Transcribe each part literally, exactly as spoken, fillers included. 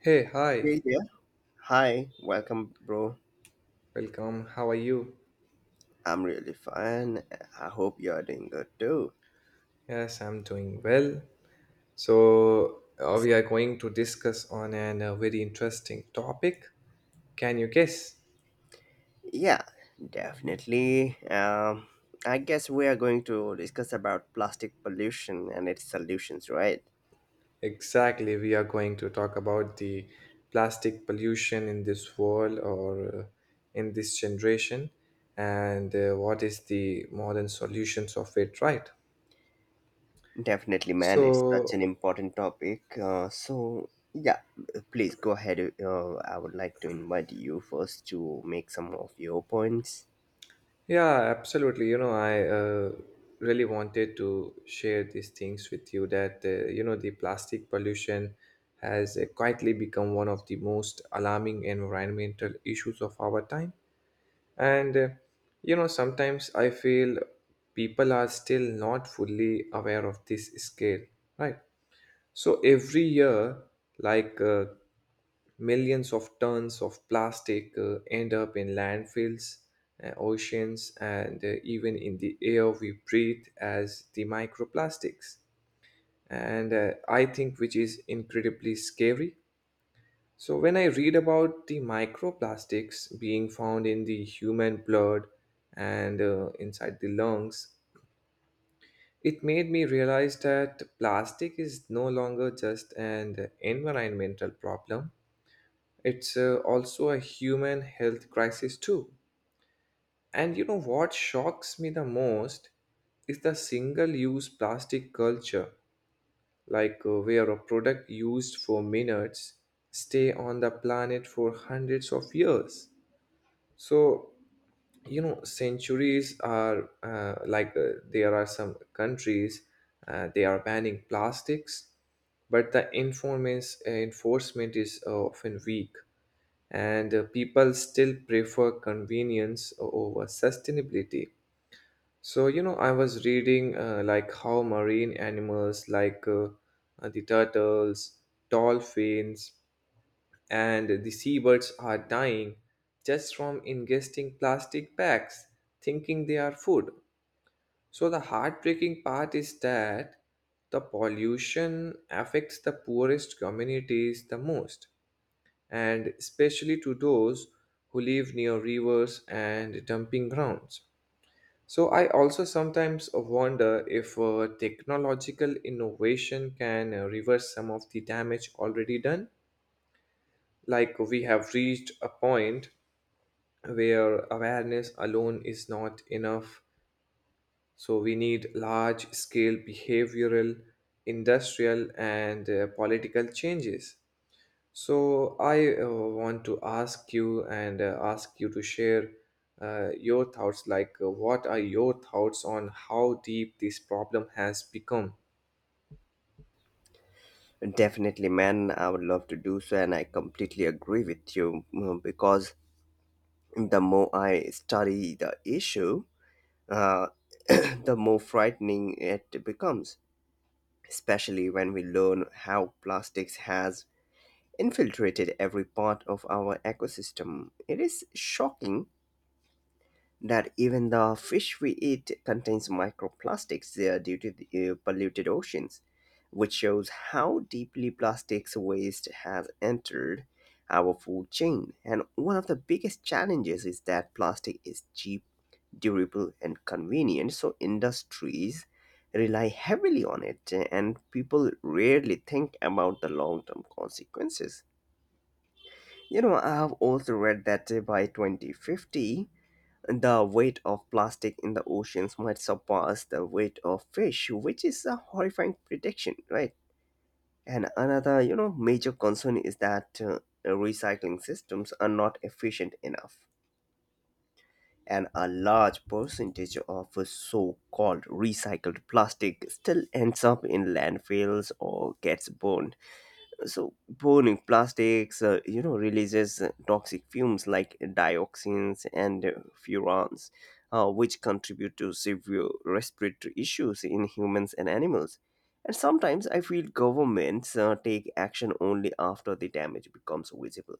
Hey, hi, Hey there. Hi, welcome, bro. welcome. How are you? I'm really fine. I hope you're doing good too. Yes, I'm doing well. So, uh, we are going to discuss on an, a very interesting topic. Can you guess? Yeah, definitely. Um, I guess we are going to discuss about plastic pollution and its solutions, right? Exactly, we are going to talk about the plastic pollution in this world or uh, in this generation and uh, what is the modern solutions of it, right? Definitely, So, man. It's such an important topic. Uh, so yeah, please go ahead. Uh, I would like to invite you first to make some of your points. Yeah, absolutely. You know, I uh, really wanted to share these things with you that, uh, you know, the plastic pollution has uh, quietly become one of the most alarming environmental issues of our time. And, uh, you know, sometimes I feel people are still not fully aware of this scale, right? So every year, like uh, millions of tons of plastic uh, end up in landfills, uh, oceans, and uh, even in the air we breathe as the microplastics. And uh, I think which is incredibly scary. So when I read about the microplastics being found in the human blood and uh, inside the lungs, it made me realize that plastic is no longer just an environmental problem, it's uh, also a human health crisis, too. And you know what shocks me the most is the single use plastic culture, like uh, where a product used for minutes stay on the planet for hundreds of years. So you know centuries are uh, like uh, there are some countries uh, they are banning plastics but the enforcement enforcement is uh, often weak and uh, people still prefer convenience over sustainability. So you know I was reading uh, like how marine animals like uh, uh, the turtles, dolphins, and the seabirds are dying just from ingesting plastic bags, thinking they are food. So, the heartbreaking part is that the pollution affects the poorest communities the most, and especially to those who live near rivers and dumping grounds. So, I also sometimes wonder if uh, technological innovation can uh, reverse some of the damage already done. Like, we have reached a point where awareness alone is not enough. So, we need large scale behavioral, industrial, and uh, political changes. So, I uh, want to ask you and uh, ask you to share uh, your thoughts, like, uh, what are your thoughts on how deep this problem has become? Definitely, man. I would love to do so, and I completely agree with you mm, because the more I study the issue, uh, the more frightening it becomes, especially when we learn how plastics has infiltrated every part of our ecosystem. It is shocking that even the fish we eat contains microplastics there due to the uh, polluted oceans, which shows how deeply plastics waste has entered our food chain. And one of the biggest challenges is that plastic is cheap, durable, and convenient, so industries rely heavily on it, and people rarely think about the long term consequences. You know, I have also read that uh, by twenty fifty, the weight of plastic in the oceans might surpass the weight of fish, which is a horrifying prediction, right? And another, you know, major concern is that uh, recycling systems are not efficient enough. And a large percentage of so called recycled plastic still ends up in landfills or gets burned. So burning plastics, uh, you know, releases uh, toxic fumes like dioxins and uh, furans, uh, which contribute to severe respiratory issues in humans and animals. And sometimes I feel governments uh, take action only after the damage becomes visible,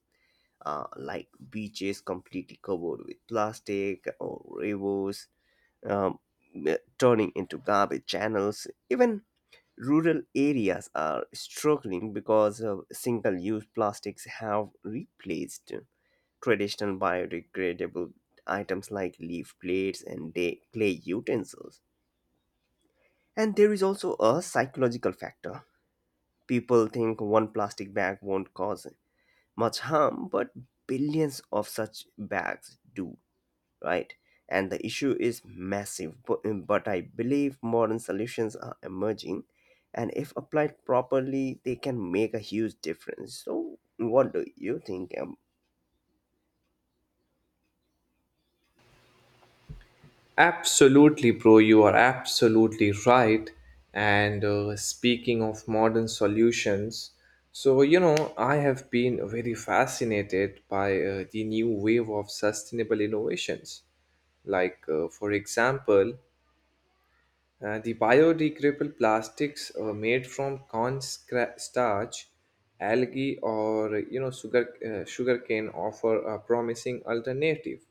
uh, like beaches completely covered with plastic or rivers um, turning into garbage channels. Even rural areas are struggling because of single-use plastics have replaced traditional biodegradable items like leaf plates and day- clay utensils. And there is also a psychological factor. People think one plastic bag won't cause much harm, but billions of such bags do, right? And the issue is massive, bu- but I believe modern solutions are emerging, and if applied properly, they can make a huge difference. So, what do you think? Um, Absolutely, bro. You are absolutely right. And uh, Speaking of modern solutions, so you know, I have been very fascinated by uh, the new wave of sustainable innovations. Like, uh, for example, uh, the biodegradable plastics uh, made from corn scra- starch, algae, or you know sugar uh, sugarcane offer a promising alternative,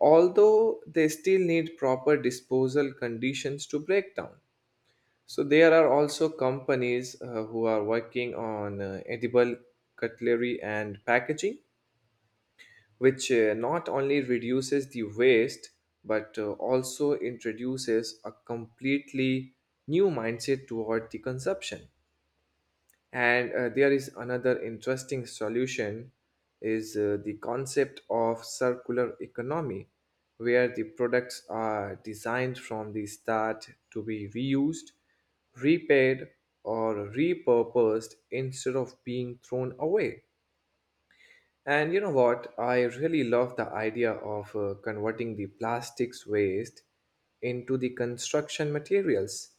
although they still need proper disposal conditions to break down. So there are also companies uh, who are working on uh, edible cutlery and packaging which uh, not only reduces the waste but uh, also introduces a completely new mindset toward the consumption, and uh, there is another interesting solution is uh, the concept of circular economy where the products are designed from the start to be reused, repaired, or repurposed instead of being thrown away. And you know what? I really love the idea of uh, converting the plastics waste into the construction materials.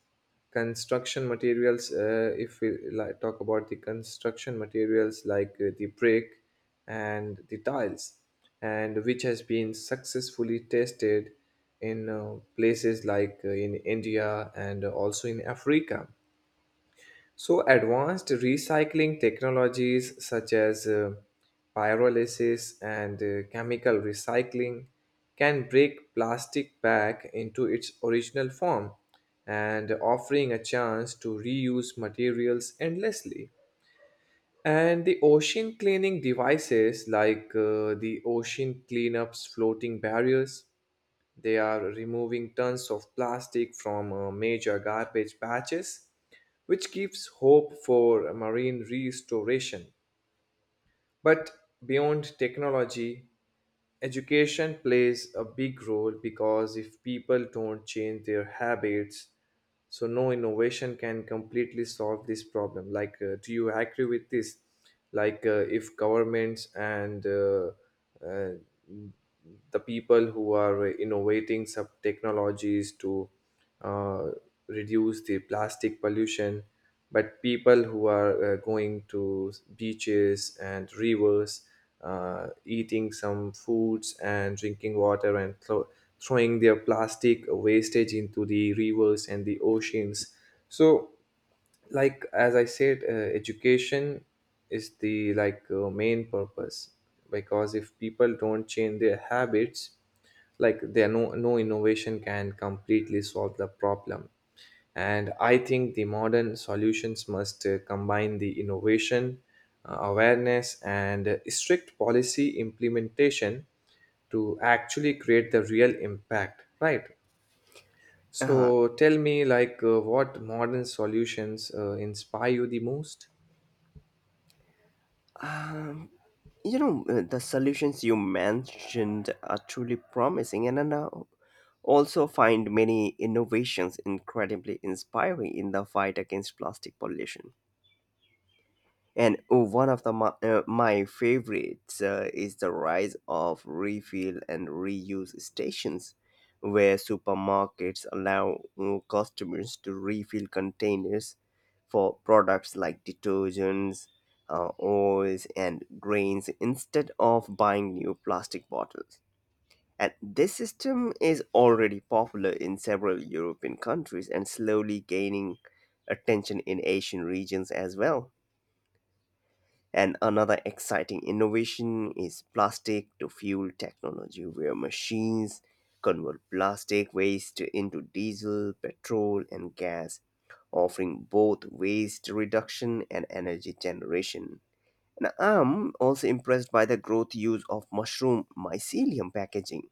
Construction materials, uh, if we, like, talk about the construction materials like uh, the brick and the tiles, and which has been successfully tested in uh, places like uh, in India and also in Africa. So, advanced recycling technologies such as uh, pyrolysis and uh, chemical recycling can break plastic back into its original form and offering a chance to reuse materials endlessly. And the ocean cleaning devices like uh, the ocean cleanups floating barriers, they are removing tons of plastic from uh, major garbage patches which gives hope for marine restoration. But beyond technology, education plays a big role because if people don't change their habits, so no innovation can completely solve this problem. Like, uh, do you agree with this? Like, uh, if governments and uh, uh, the people who are innovating some technologies to uh, reduce the plastic pollution, but people who are uh, going to beaches and rivers, uh, eating some foods and drinking water and thro- throwing their plastic wastage into the rivers and the oceans. So, like as I said, uh, education is the, like, uh, main purpose, because if people don't change their habits, like there no no innovation can completely solve the problem. And I think the modern solutions must uh, combine the innovation, uh, awareness, and uh, strict policy implementation to actually create the real impact, right? uh, So tell me, like, uh, what modern solutions uh, inspire you the most? um, you know, uh, the solutions you mentioned are truly promising, and I now also find many innovations incredibly inspiring in the fight against plastic pollution. And oh, one of the my, uh, my favorites uh, is the rise of refill and reuse stations, where supermarkets allow uh, customers to refill containers for products like detergents, uh, oils, and grains instead of buying new plastic bottles. And this system is already popular in several European countries and slowly gaining attention in Asian regions as well. And another exciting innovation is plastic to fuel technology, where machines convert plastic waste into diesel, petrol, and gas, offering both waste reduction and energy generation. And I'm also impressed by the growth use of mushroom mycelium packaging,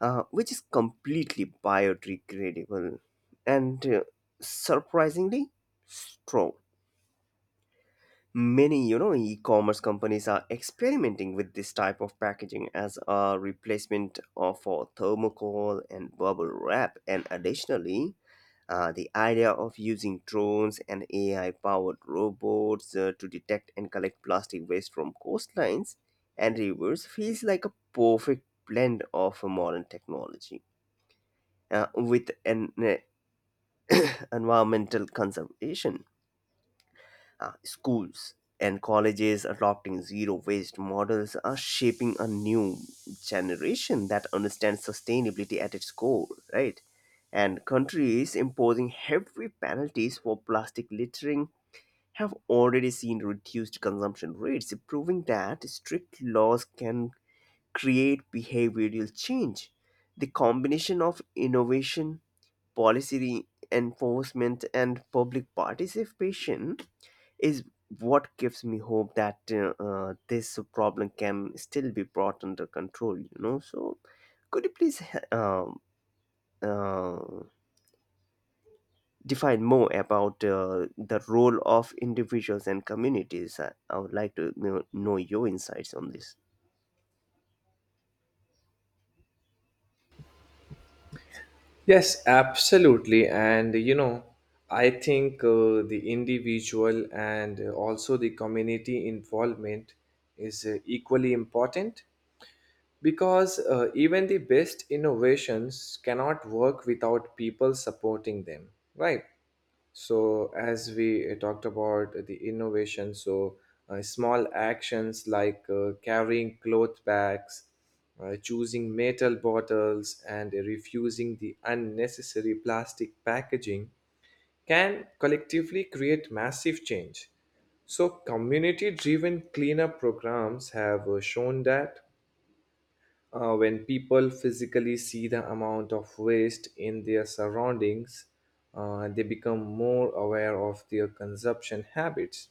uh, which is completely biodegradable and uh, surprisingly strong. Many, you know, e-commerce companies are experimenting with this type of packaging as a replacement of for thermocol and bubble wrap. And additionally, uh, the idea of using drones and A I-powered robots uh, to detect and collect plastic waste from coastlines and rivers feels like a perfect blend of modern technology uh, with an uh, environmental conservation. Uh, schools and colleges adopting zero waste models are shaping a new generation that understands sustainability at its core, right? And countries imposing heavy penalties for plastic littering have already seen reduced consumption rates, proving that strict laws can create behavioral change. The combination of innovation, policy enforcement, and public participation is what gives me hope that uh, uh, this problem can still be brought under control, you know. So could you please uh, uh, define more about uh, the role of individuals and communities? i, I would like to know, know your insights on this. Yes, absolutely. And you know, I think uh, the individual and uh, also the community involvement is uh, equally important because uh, even the best innovations cannot work without people supporting them, right? So, as we uh, talked about the innovation, so uh, small actions like uh, carrying cloth bags, uh, choosing metal bottles, and refusing the unnecessary plastic packaging can collectively create massive change. So, community driven cleanup programs have uh, shown that uh, when people physically see the amount of waste in their surroundings, uh, they become more aware of their consumption habits.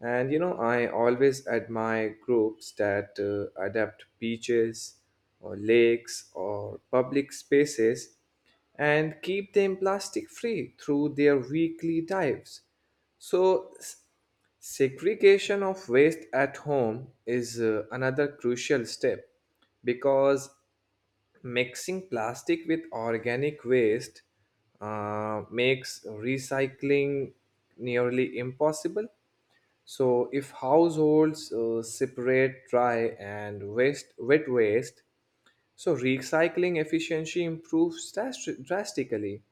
And you know, I always admire groups that uh, adapt beaches or lakes or public spaces and keep them plastic free through their weekly dives. So, s- segregation of waste at home is uh, another crucial step because mixing plastic with organic waste uh, makes recycling nearly impossible. So if households uh, separate dry and waste wet waste, so recycling efficiency improves dras- drastically,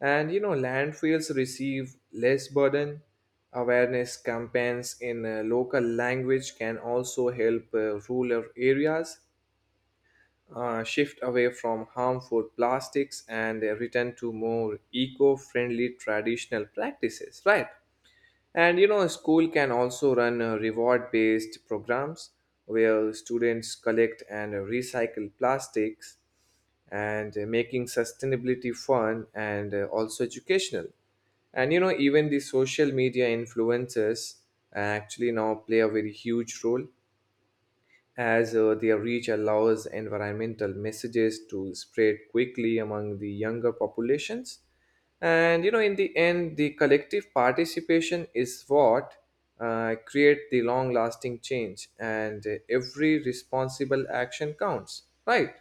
and you know landfills receive less burden. Awareness campaigns in uh, local language can also help uh, rural areas uh, shift away from harmful plastics and uh, return to more eco-friendly traditional practices. Right. And you know, a school can also run uh, reward based programs where students collect and recycle plastics, and uh, making sustainability fun and uh, also educational. And you know, even the social media influencers uh, actually now play a very huge role as uh, their reach allows environmental messages to spread quickly among the younger populations. And you know, in the end, the collective participation is what uh, create the long-lasting change, and uh, every responsible action counts, right?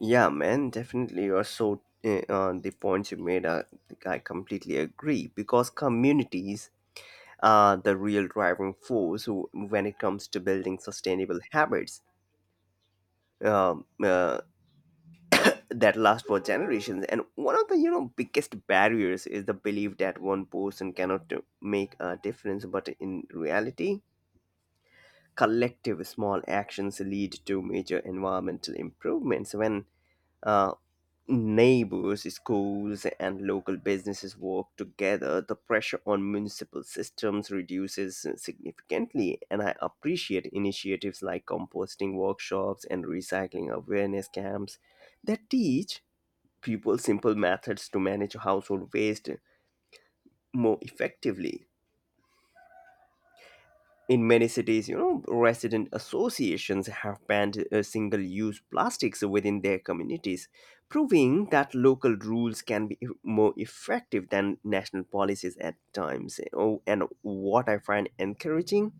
Yeah, man, definitely. You're so uh, uh, the points you made, uh, I completely agree because communities are the real driving force who- when it comes to building sustainable habits um, uh, that last for generations. And one of the, you know, biggest barriers is the belief that one person cannot do- make a difference, but in reality, collective small actions lead to major environmental improvements. When uh, neighbors, schools, and local businesses work together, the pressure on municipal systems reduces significantly. And I appreciate initiatives like composting workshops and recycling awareness camps that teach people simple methods to manage household waste more effectively. In many cities, you know, resident associations have banned uh, single use plastics within their communities, proving that local rules can be e-, more effective than national policies at times. Oh, and what I find encouraging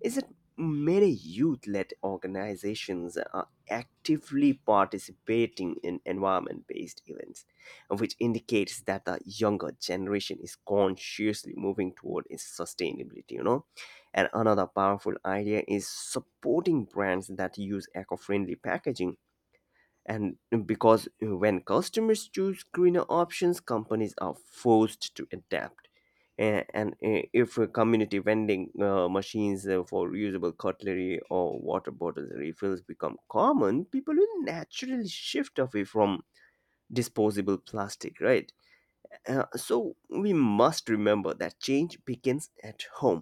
is that many youth-led organizations are actively participating in environment-based events, which indicates that the younger generation is consciously moving toward its sustainability, you know. And another powerful idea is supporting brands that use eco-friendly packaging, and uh, because uh, when customers choose greener options, companies are forced to adapt. And, and uh, if uh, community vending uh, machines uh, for reusable cutlery or water bottles refills become common, people will naturally shift away from disposable plastic, right? Uh, so we must remember that change begins at home,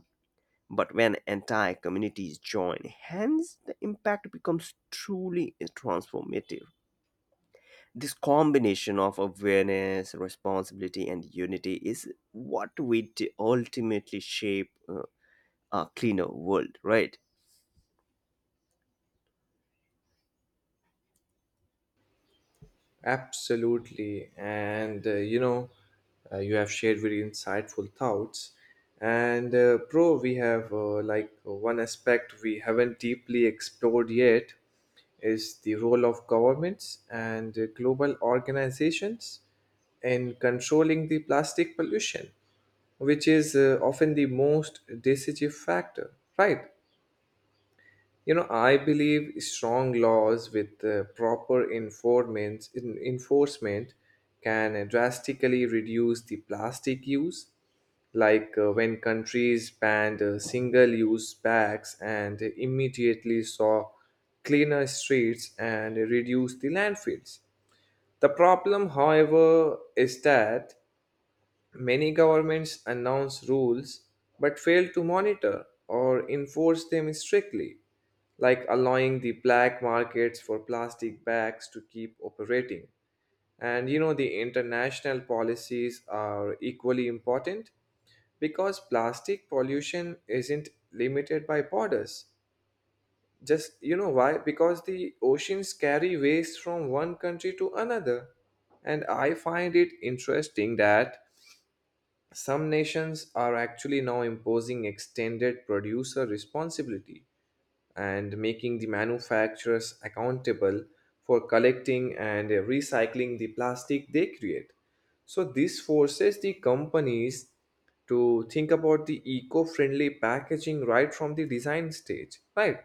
but when entire communities join hands, the impact becomes truly transformative. This combination of awareness, responsibility, and unity is what will t- ultimately shape uh, a cleaner world, right? Absolutely. And uh, you know, uh, you have shared very insightful thoughts. And uh, Pro, we have, uh, like one aspect we haven't deeply explored yet, is the role of governments and uh, global organizations in controlling the plastic pollution, which is uh, often the most decisive factor, right? You know, I believe strong laws with uh, proper enforcement, in, enforcement can uh, drastically reduce the plastic use. Like uh, when countries banned uh, single use bags and immediately saw cleaner streets and reduced the landfills. The problem, however, is that many governments announce rules but fail to monitor or enforce them strictly, like allowing the black markets for plastic bags to keep operating. And you know, the international policies are equally important because plastic pollution isn't limited by borders. Just you know why? Because the oceans carry waste from one country to another. And I find it interesting that some nations are actually now imposing extended producer responsibility and making the manufacturers accountable for collecting and recycling the plastic they create. So, this forces the companies to think about the eco friendly packaging right from the design stage, right?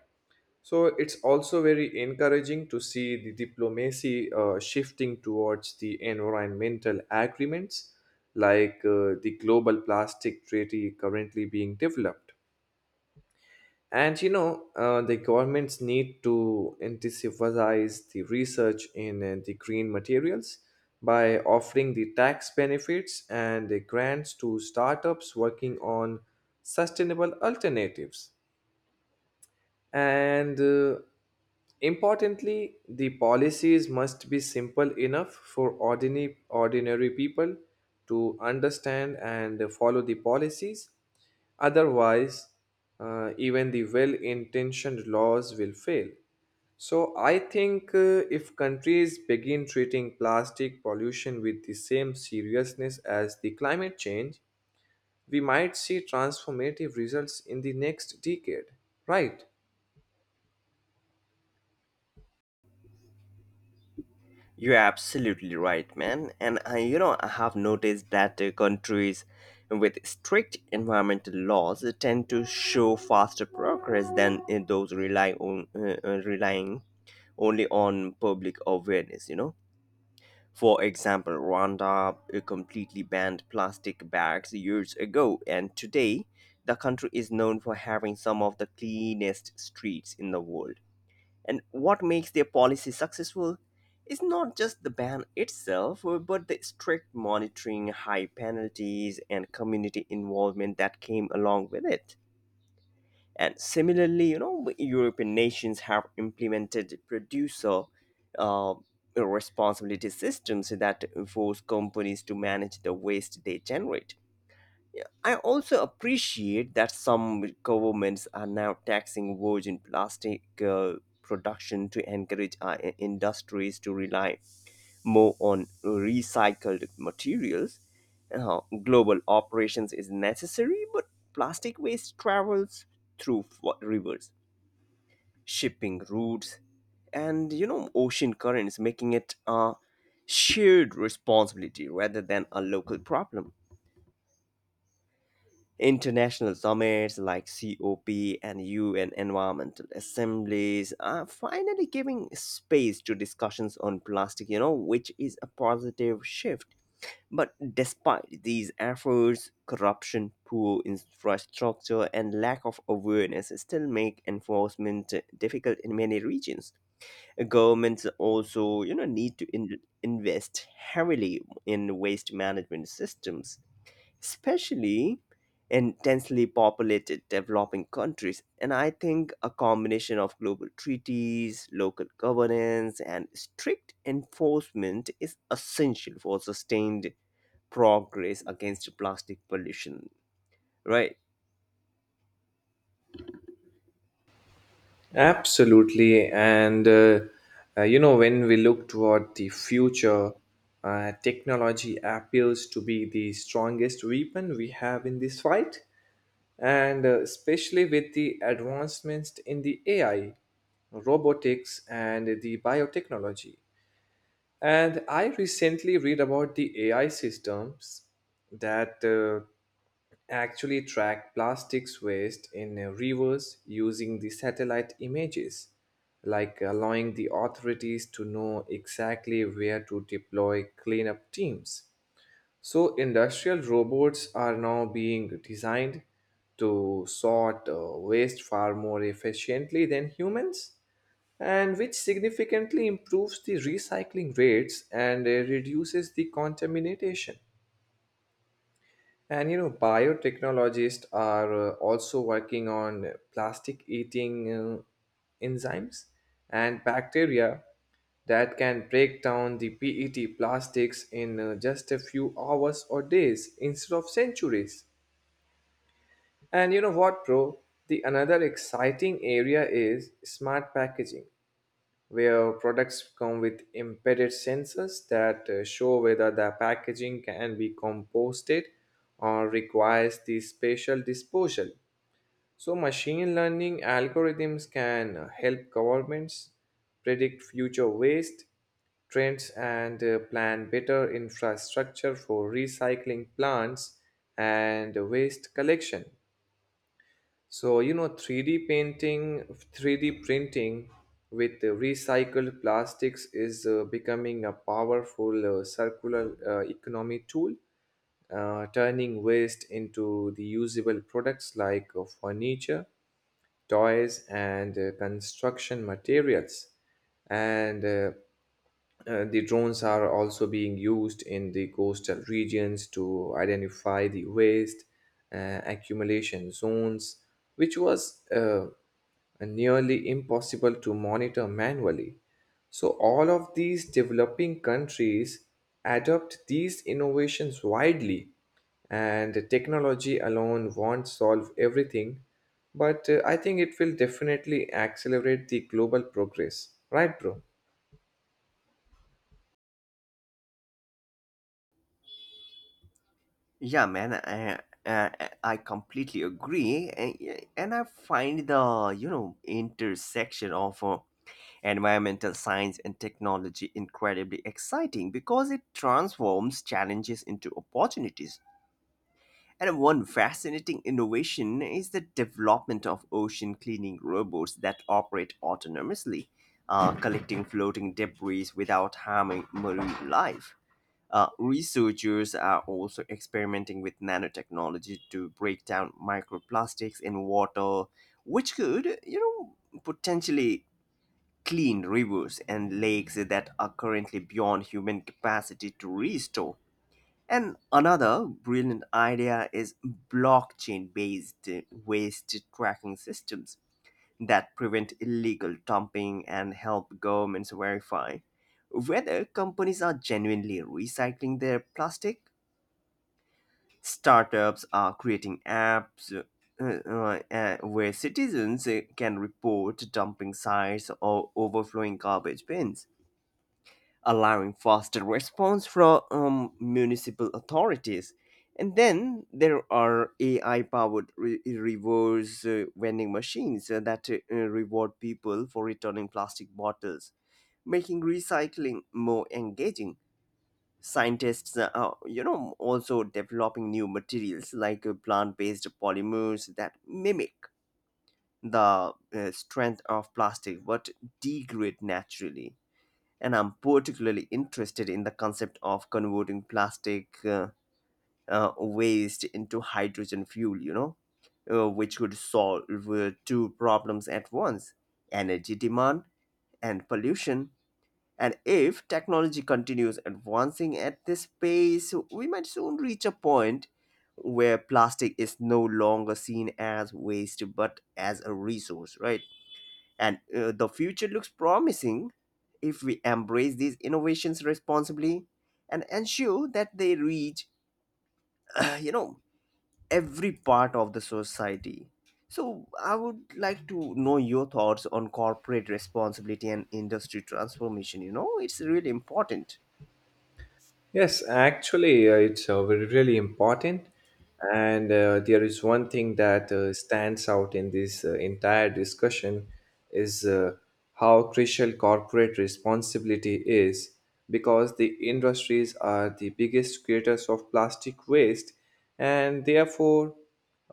So it's also very encouraging to see the diplomacy uh, shifting towards the environmental agreements, like uh, the Global Plastic Treaty currently being developed. And you know, uh, the governments need to incentivize the research in uh, the green materials by offering the tax benefits and the grants to startups working on sustainable alternatives. And uh, Importantly, the policies must be simple enough for ordinary, ordinary people to understand and follow the policies. Otherwise, uh, even the well intentioned laws will fail. So, I think uh, if countries begin treating plastic pollution with the same seriousness as the climate change, we might see transformative results in the next decade, right? You're absolutely right, man. And I, you know, I have noticed that uh, countries with strict environmental laws tend to show faster progress than uh, those rely on uh, uh, relying only on public awareness, you know. For example, Rwanda uh, completely banned plastic bags years ago, and today the country is known for having some of the cleanest streets in the world. And what makes their policy successful is not just the ban itself, uh, but the strict monitoring, high penalties, and community involvement that came along with it. And similarly, you know, European nations have implemented producer uh, responsibility systems so that force companies to manage the waste they generate. I also appreciate that some governments are now taxing virgin plastic uh, production to encourage uh, i- industries to rely more on recycled materials. Uh, global operations is necessary, but plastic waste travels through f- rivers, shipping routes, and, you know, ocean currents, making it a shared responsibility rather than a local problem. International summits like cop and U N environmental assemblies are finally giving space to discussions on plastic, you know, which is a positive shift. But despite these efforts, corruption, poor infrastructure, and lack of awareness still make enforcement difficult in many regions. Governments also, you know, need to in- invest heavily in waste management systems, especially in densely populated developing countries. And I think a combination of global treaties, local governance, and strict enforcement is essential for sustained progress against plastic pollution, right? Absolutely. And, uh, uh, you know, when we look toward the future, uh, technology appears to be the strongest weapon we have in this fight. And uh, Especially with the advancements in the A I, robotics, and the biotechnology. And I recently read about the A I systems that uh, actually track plastics waste in uh, rivers using the satellite images, like allowing the authorities to know exactly where to deploy cleanup teams. So, industrial robots are now being designed to sort uh, waste far more efficiently than humans and which significantly improves the recycling rates and uh, reduces the contamination. And you know, biotechnologists are uh, also working on uh, plastic eating uh, enzymes and bacteria that can break down the P E T plastics in uh, just a few hours or days instead of centuries. And you know what, bro? The another exciting area is smart packaging where products come with embedded sensors that uh, show whether the packaging can be composted or requires the special disposal. So, machine learning algorithms can uh, help governments predict future waste trends and uh, plan better infrastructure for recycling plants and waste collection. So, you know, three D painting, three D printing with uh, recycled plastics is uh, becoming a powerful uh, circular uh, economy tool, uh, turning waste into the usable products like uh, furniture, toys, and uh, construction materials. And uh, uh, The drones are also being used in the coastal regions to identify the waste uh, accumulation zones, which was uh, nearly impossible to monitor manually. So, all of these developing countries adopt these innovations widely, and technology alone won't solve everything, but uh, I think it will definitely accelerate the global progress. Right, bro? Yeah, man, I, I, I completely agree, and, and I find the, you know, intersection of uh, environmental science and technology incredibly exciting because it transforms challenges into opportunities. And one fascinating innovation is the development of ocean cleaning robots that operate autonomously, uh, collecting floating debris without harming marine life. Uh, researchers are also experimenting with nanotechnology to break down microplastics in water, which could, you know, potentially clean rivers and lakes that are currently beyond human capacity to restore. And another brilliant idea is blockchain based waste tracking systems that prevent illegal dumping and help governments verify whether companies are genuinely recycling their plastic. Startups are creating apps, uh, uh, uh, where citizens uh, can report dumping sites or overflowing garbage bins, allowing faster response from um, municipal authorities. And then there are A I powered re- reverse uh, vending machines uh, that uh, reward people for returning plastic bottles, making recycling more engaging. Scientists uh, are, you know, also developing new materials like uh, plant based polymers that mimic the uh, strength of plastic but degrade naturally. And I'm particularly interested in the concept of converting plastic uh, uh, waste into hydrogen fuel, you know, uh, which could solve uh, two problems at once: energy demand and pollution. And if technology continues advancing at this pace, we might soon reach a point where plastic is no longer seen as waste but as a resource, right? And uh, the future looks promising if we embrace these innovations responsibly and ensure that they reach, you know, every part of the society. So I would like to know your thoughts on corporate responsibility and industry transformation. You know, it's really important. Yes, actually, uh, it's uh, very- really important. And uh, There is one thing that uh, stands out in this uh, entire discussion is uh, how crucial corporate responsibility is, because the industries are the biggest creators of plastic waste and therefore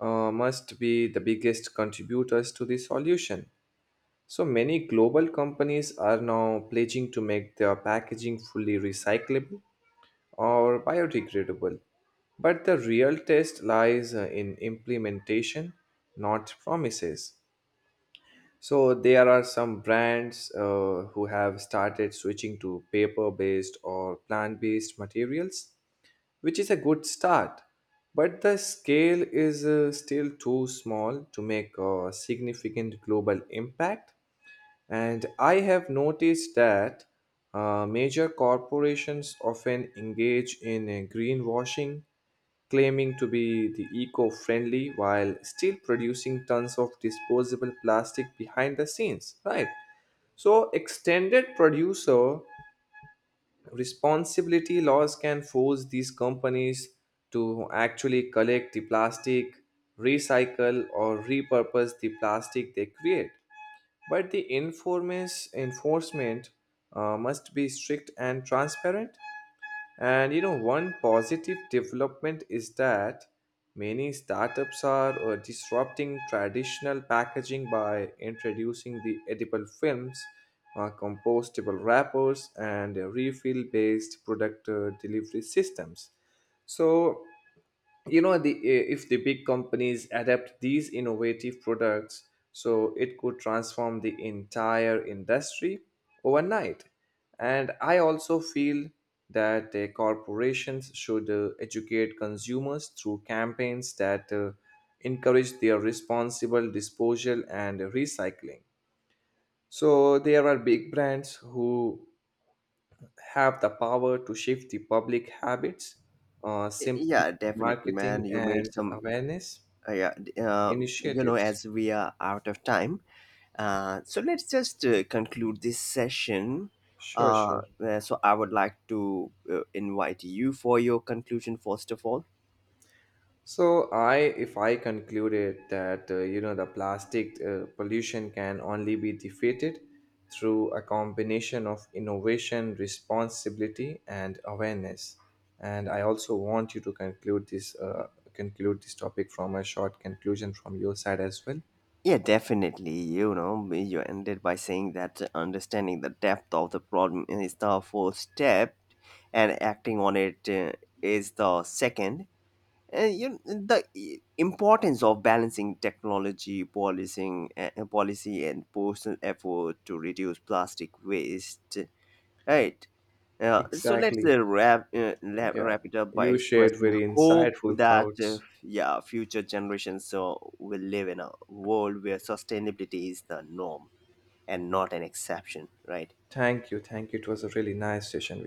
uh, must be the biggest contributors to the solution. So many global companies are now pledging to make their packaging fully recyclable or biodegradable. But the real test lies uh, in implementation, not promises. So there are some brands uh, who have started switching to paper-based or plant-based materials, which is a good start. But the scale is uh, still too small to make a significant global impact. And I have noticed that uh, major corporations often engage in uh, greenwashing, claiming to be the eco friendly while still producing tons of disposable plastic behind the scenes, right? So, extended producer responsibility laws can force these companies to actually collect the plastic, recycle, or repurpose the plastic they create, but the informis- enforcement uh, must be strict and transparent. And you know, one positive development is that many startups are uh, disrupting traditional packaging by introducing the edible films, uh, compostable wrappers, and refill based product uh, delivery systems. So, you know, the if the big companies adapt these innovative products, so it could transform the entire industry overnight. And I also feel that uh, corporations should uh, educate consumers through campaigns that uh, encourage their responsible disposal and recycling. So there are big brands who have the power to shift the public habits uh, Y- simply Yeah, definitely, man. marketing You made and some. awareness Uh, yeah, d- uh, you know, initiatives. as we are out of time, Uh, so let's just uh, conclude this session. Sure, Uh, sure. Uh, so I would like to uh, invite you for your conclusion first of all. So I, if I concluded that uh, you know, the plastic uh, pollution can only be defeated through a combination of innovation, responsibility, and awareness. And I also want you to conclude this, uh, conclude this topic from a short conclusion from your side as well. Yeah, definitely. You know, you ended by saying that understanding the depth of the problem is the first step, and acting on it uh, is the second. And you, the i- importance of balancing technology, policing, uh, policy, and personal effort to reduce plastic waste. Right. Uh, so let's Exactly. uh, wrap, uh, wrap Yeah, wrap it up by you shared expressing very hope insightful that uh, thoughts. yeah, future generations uh, will live in a world where sustainability is the norm and not an exception, right? Thank you, thank you. It was a really nice session.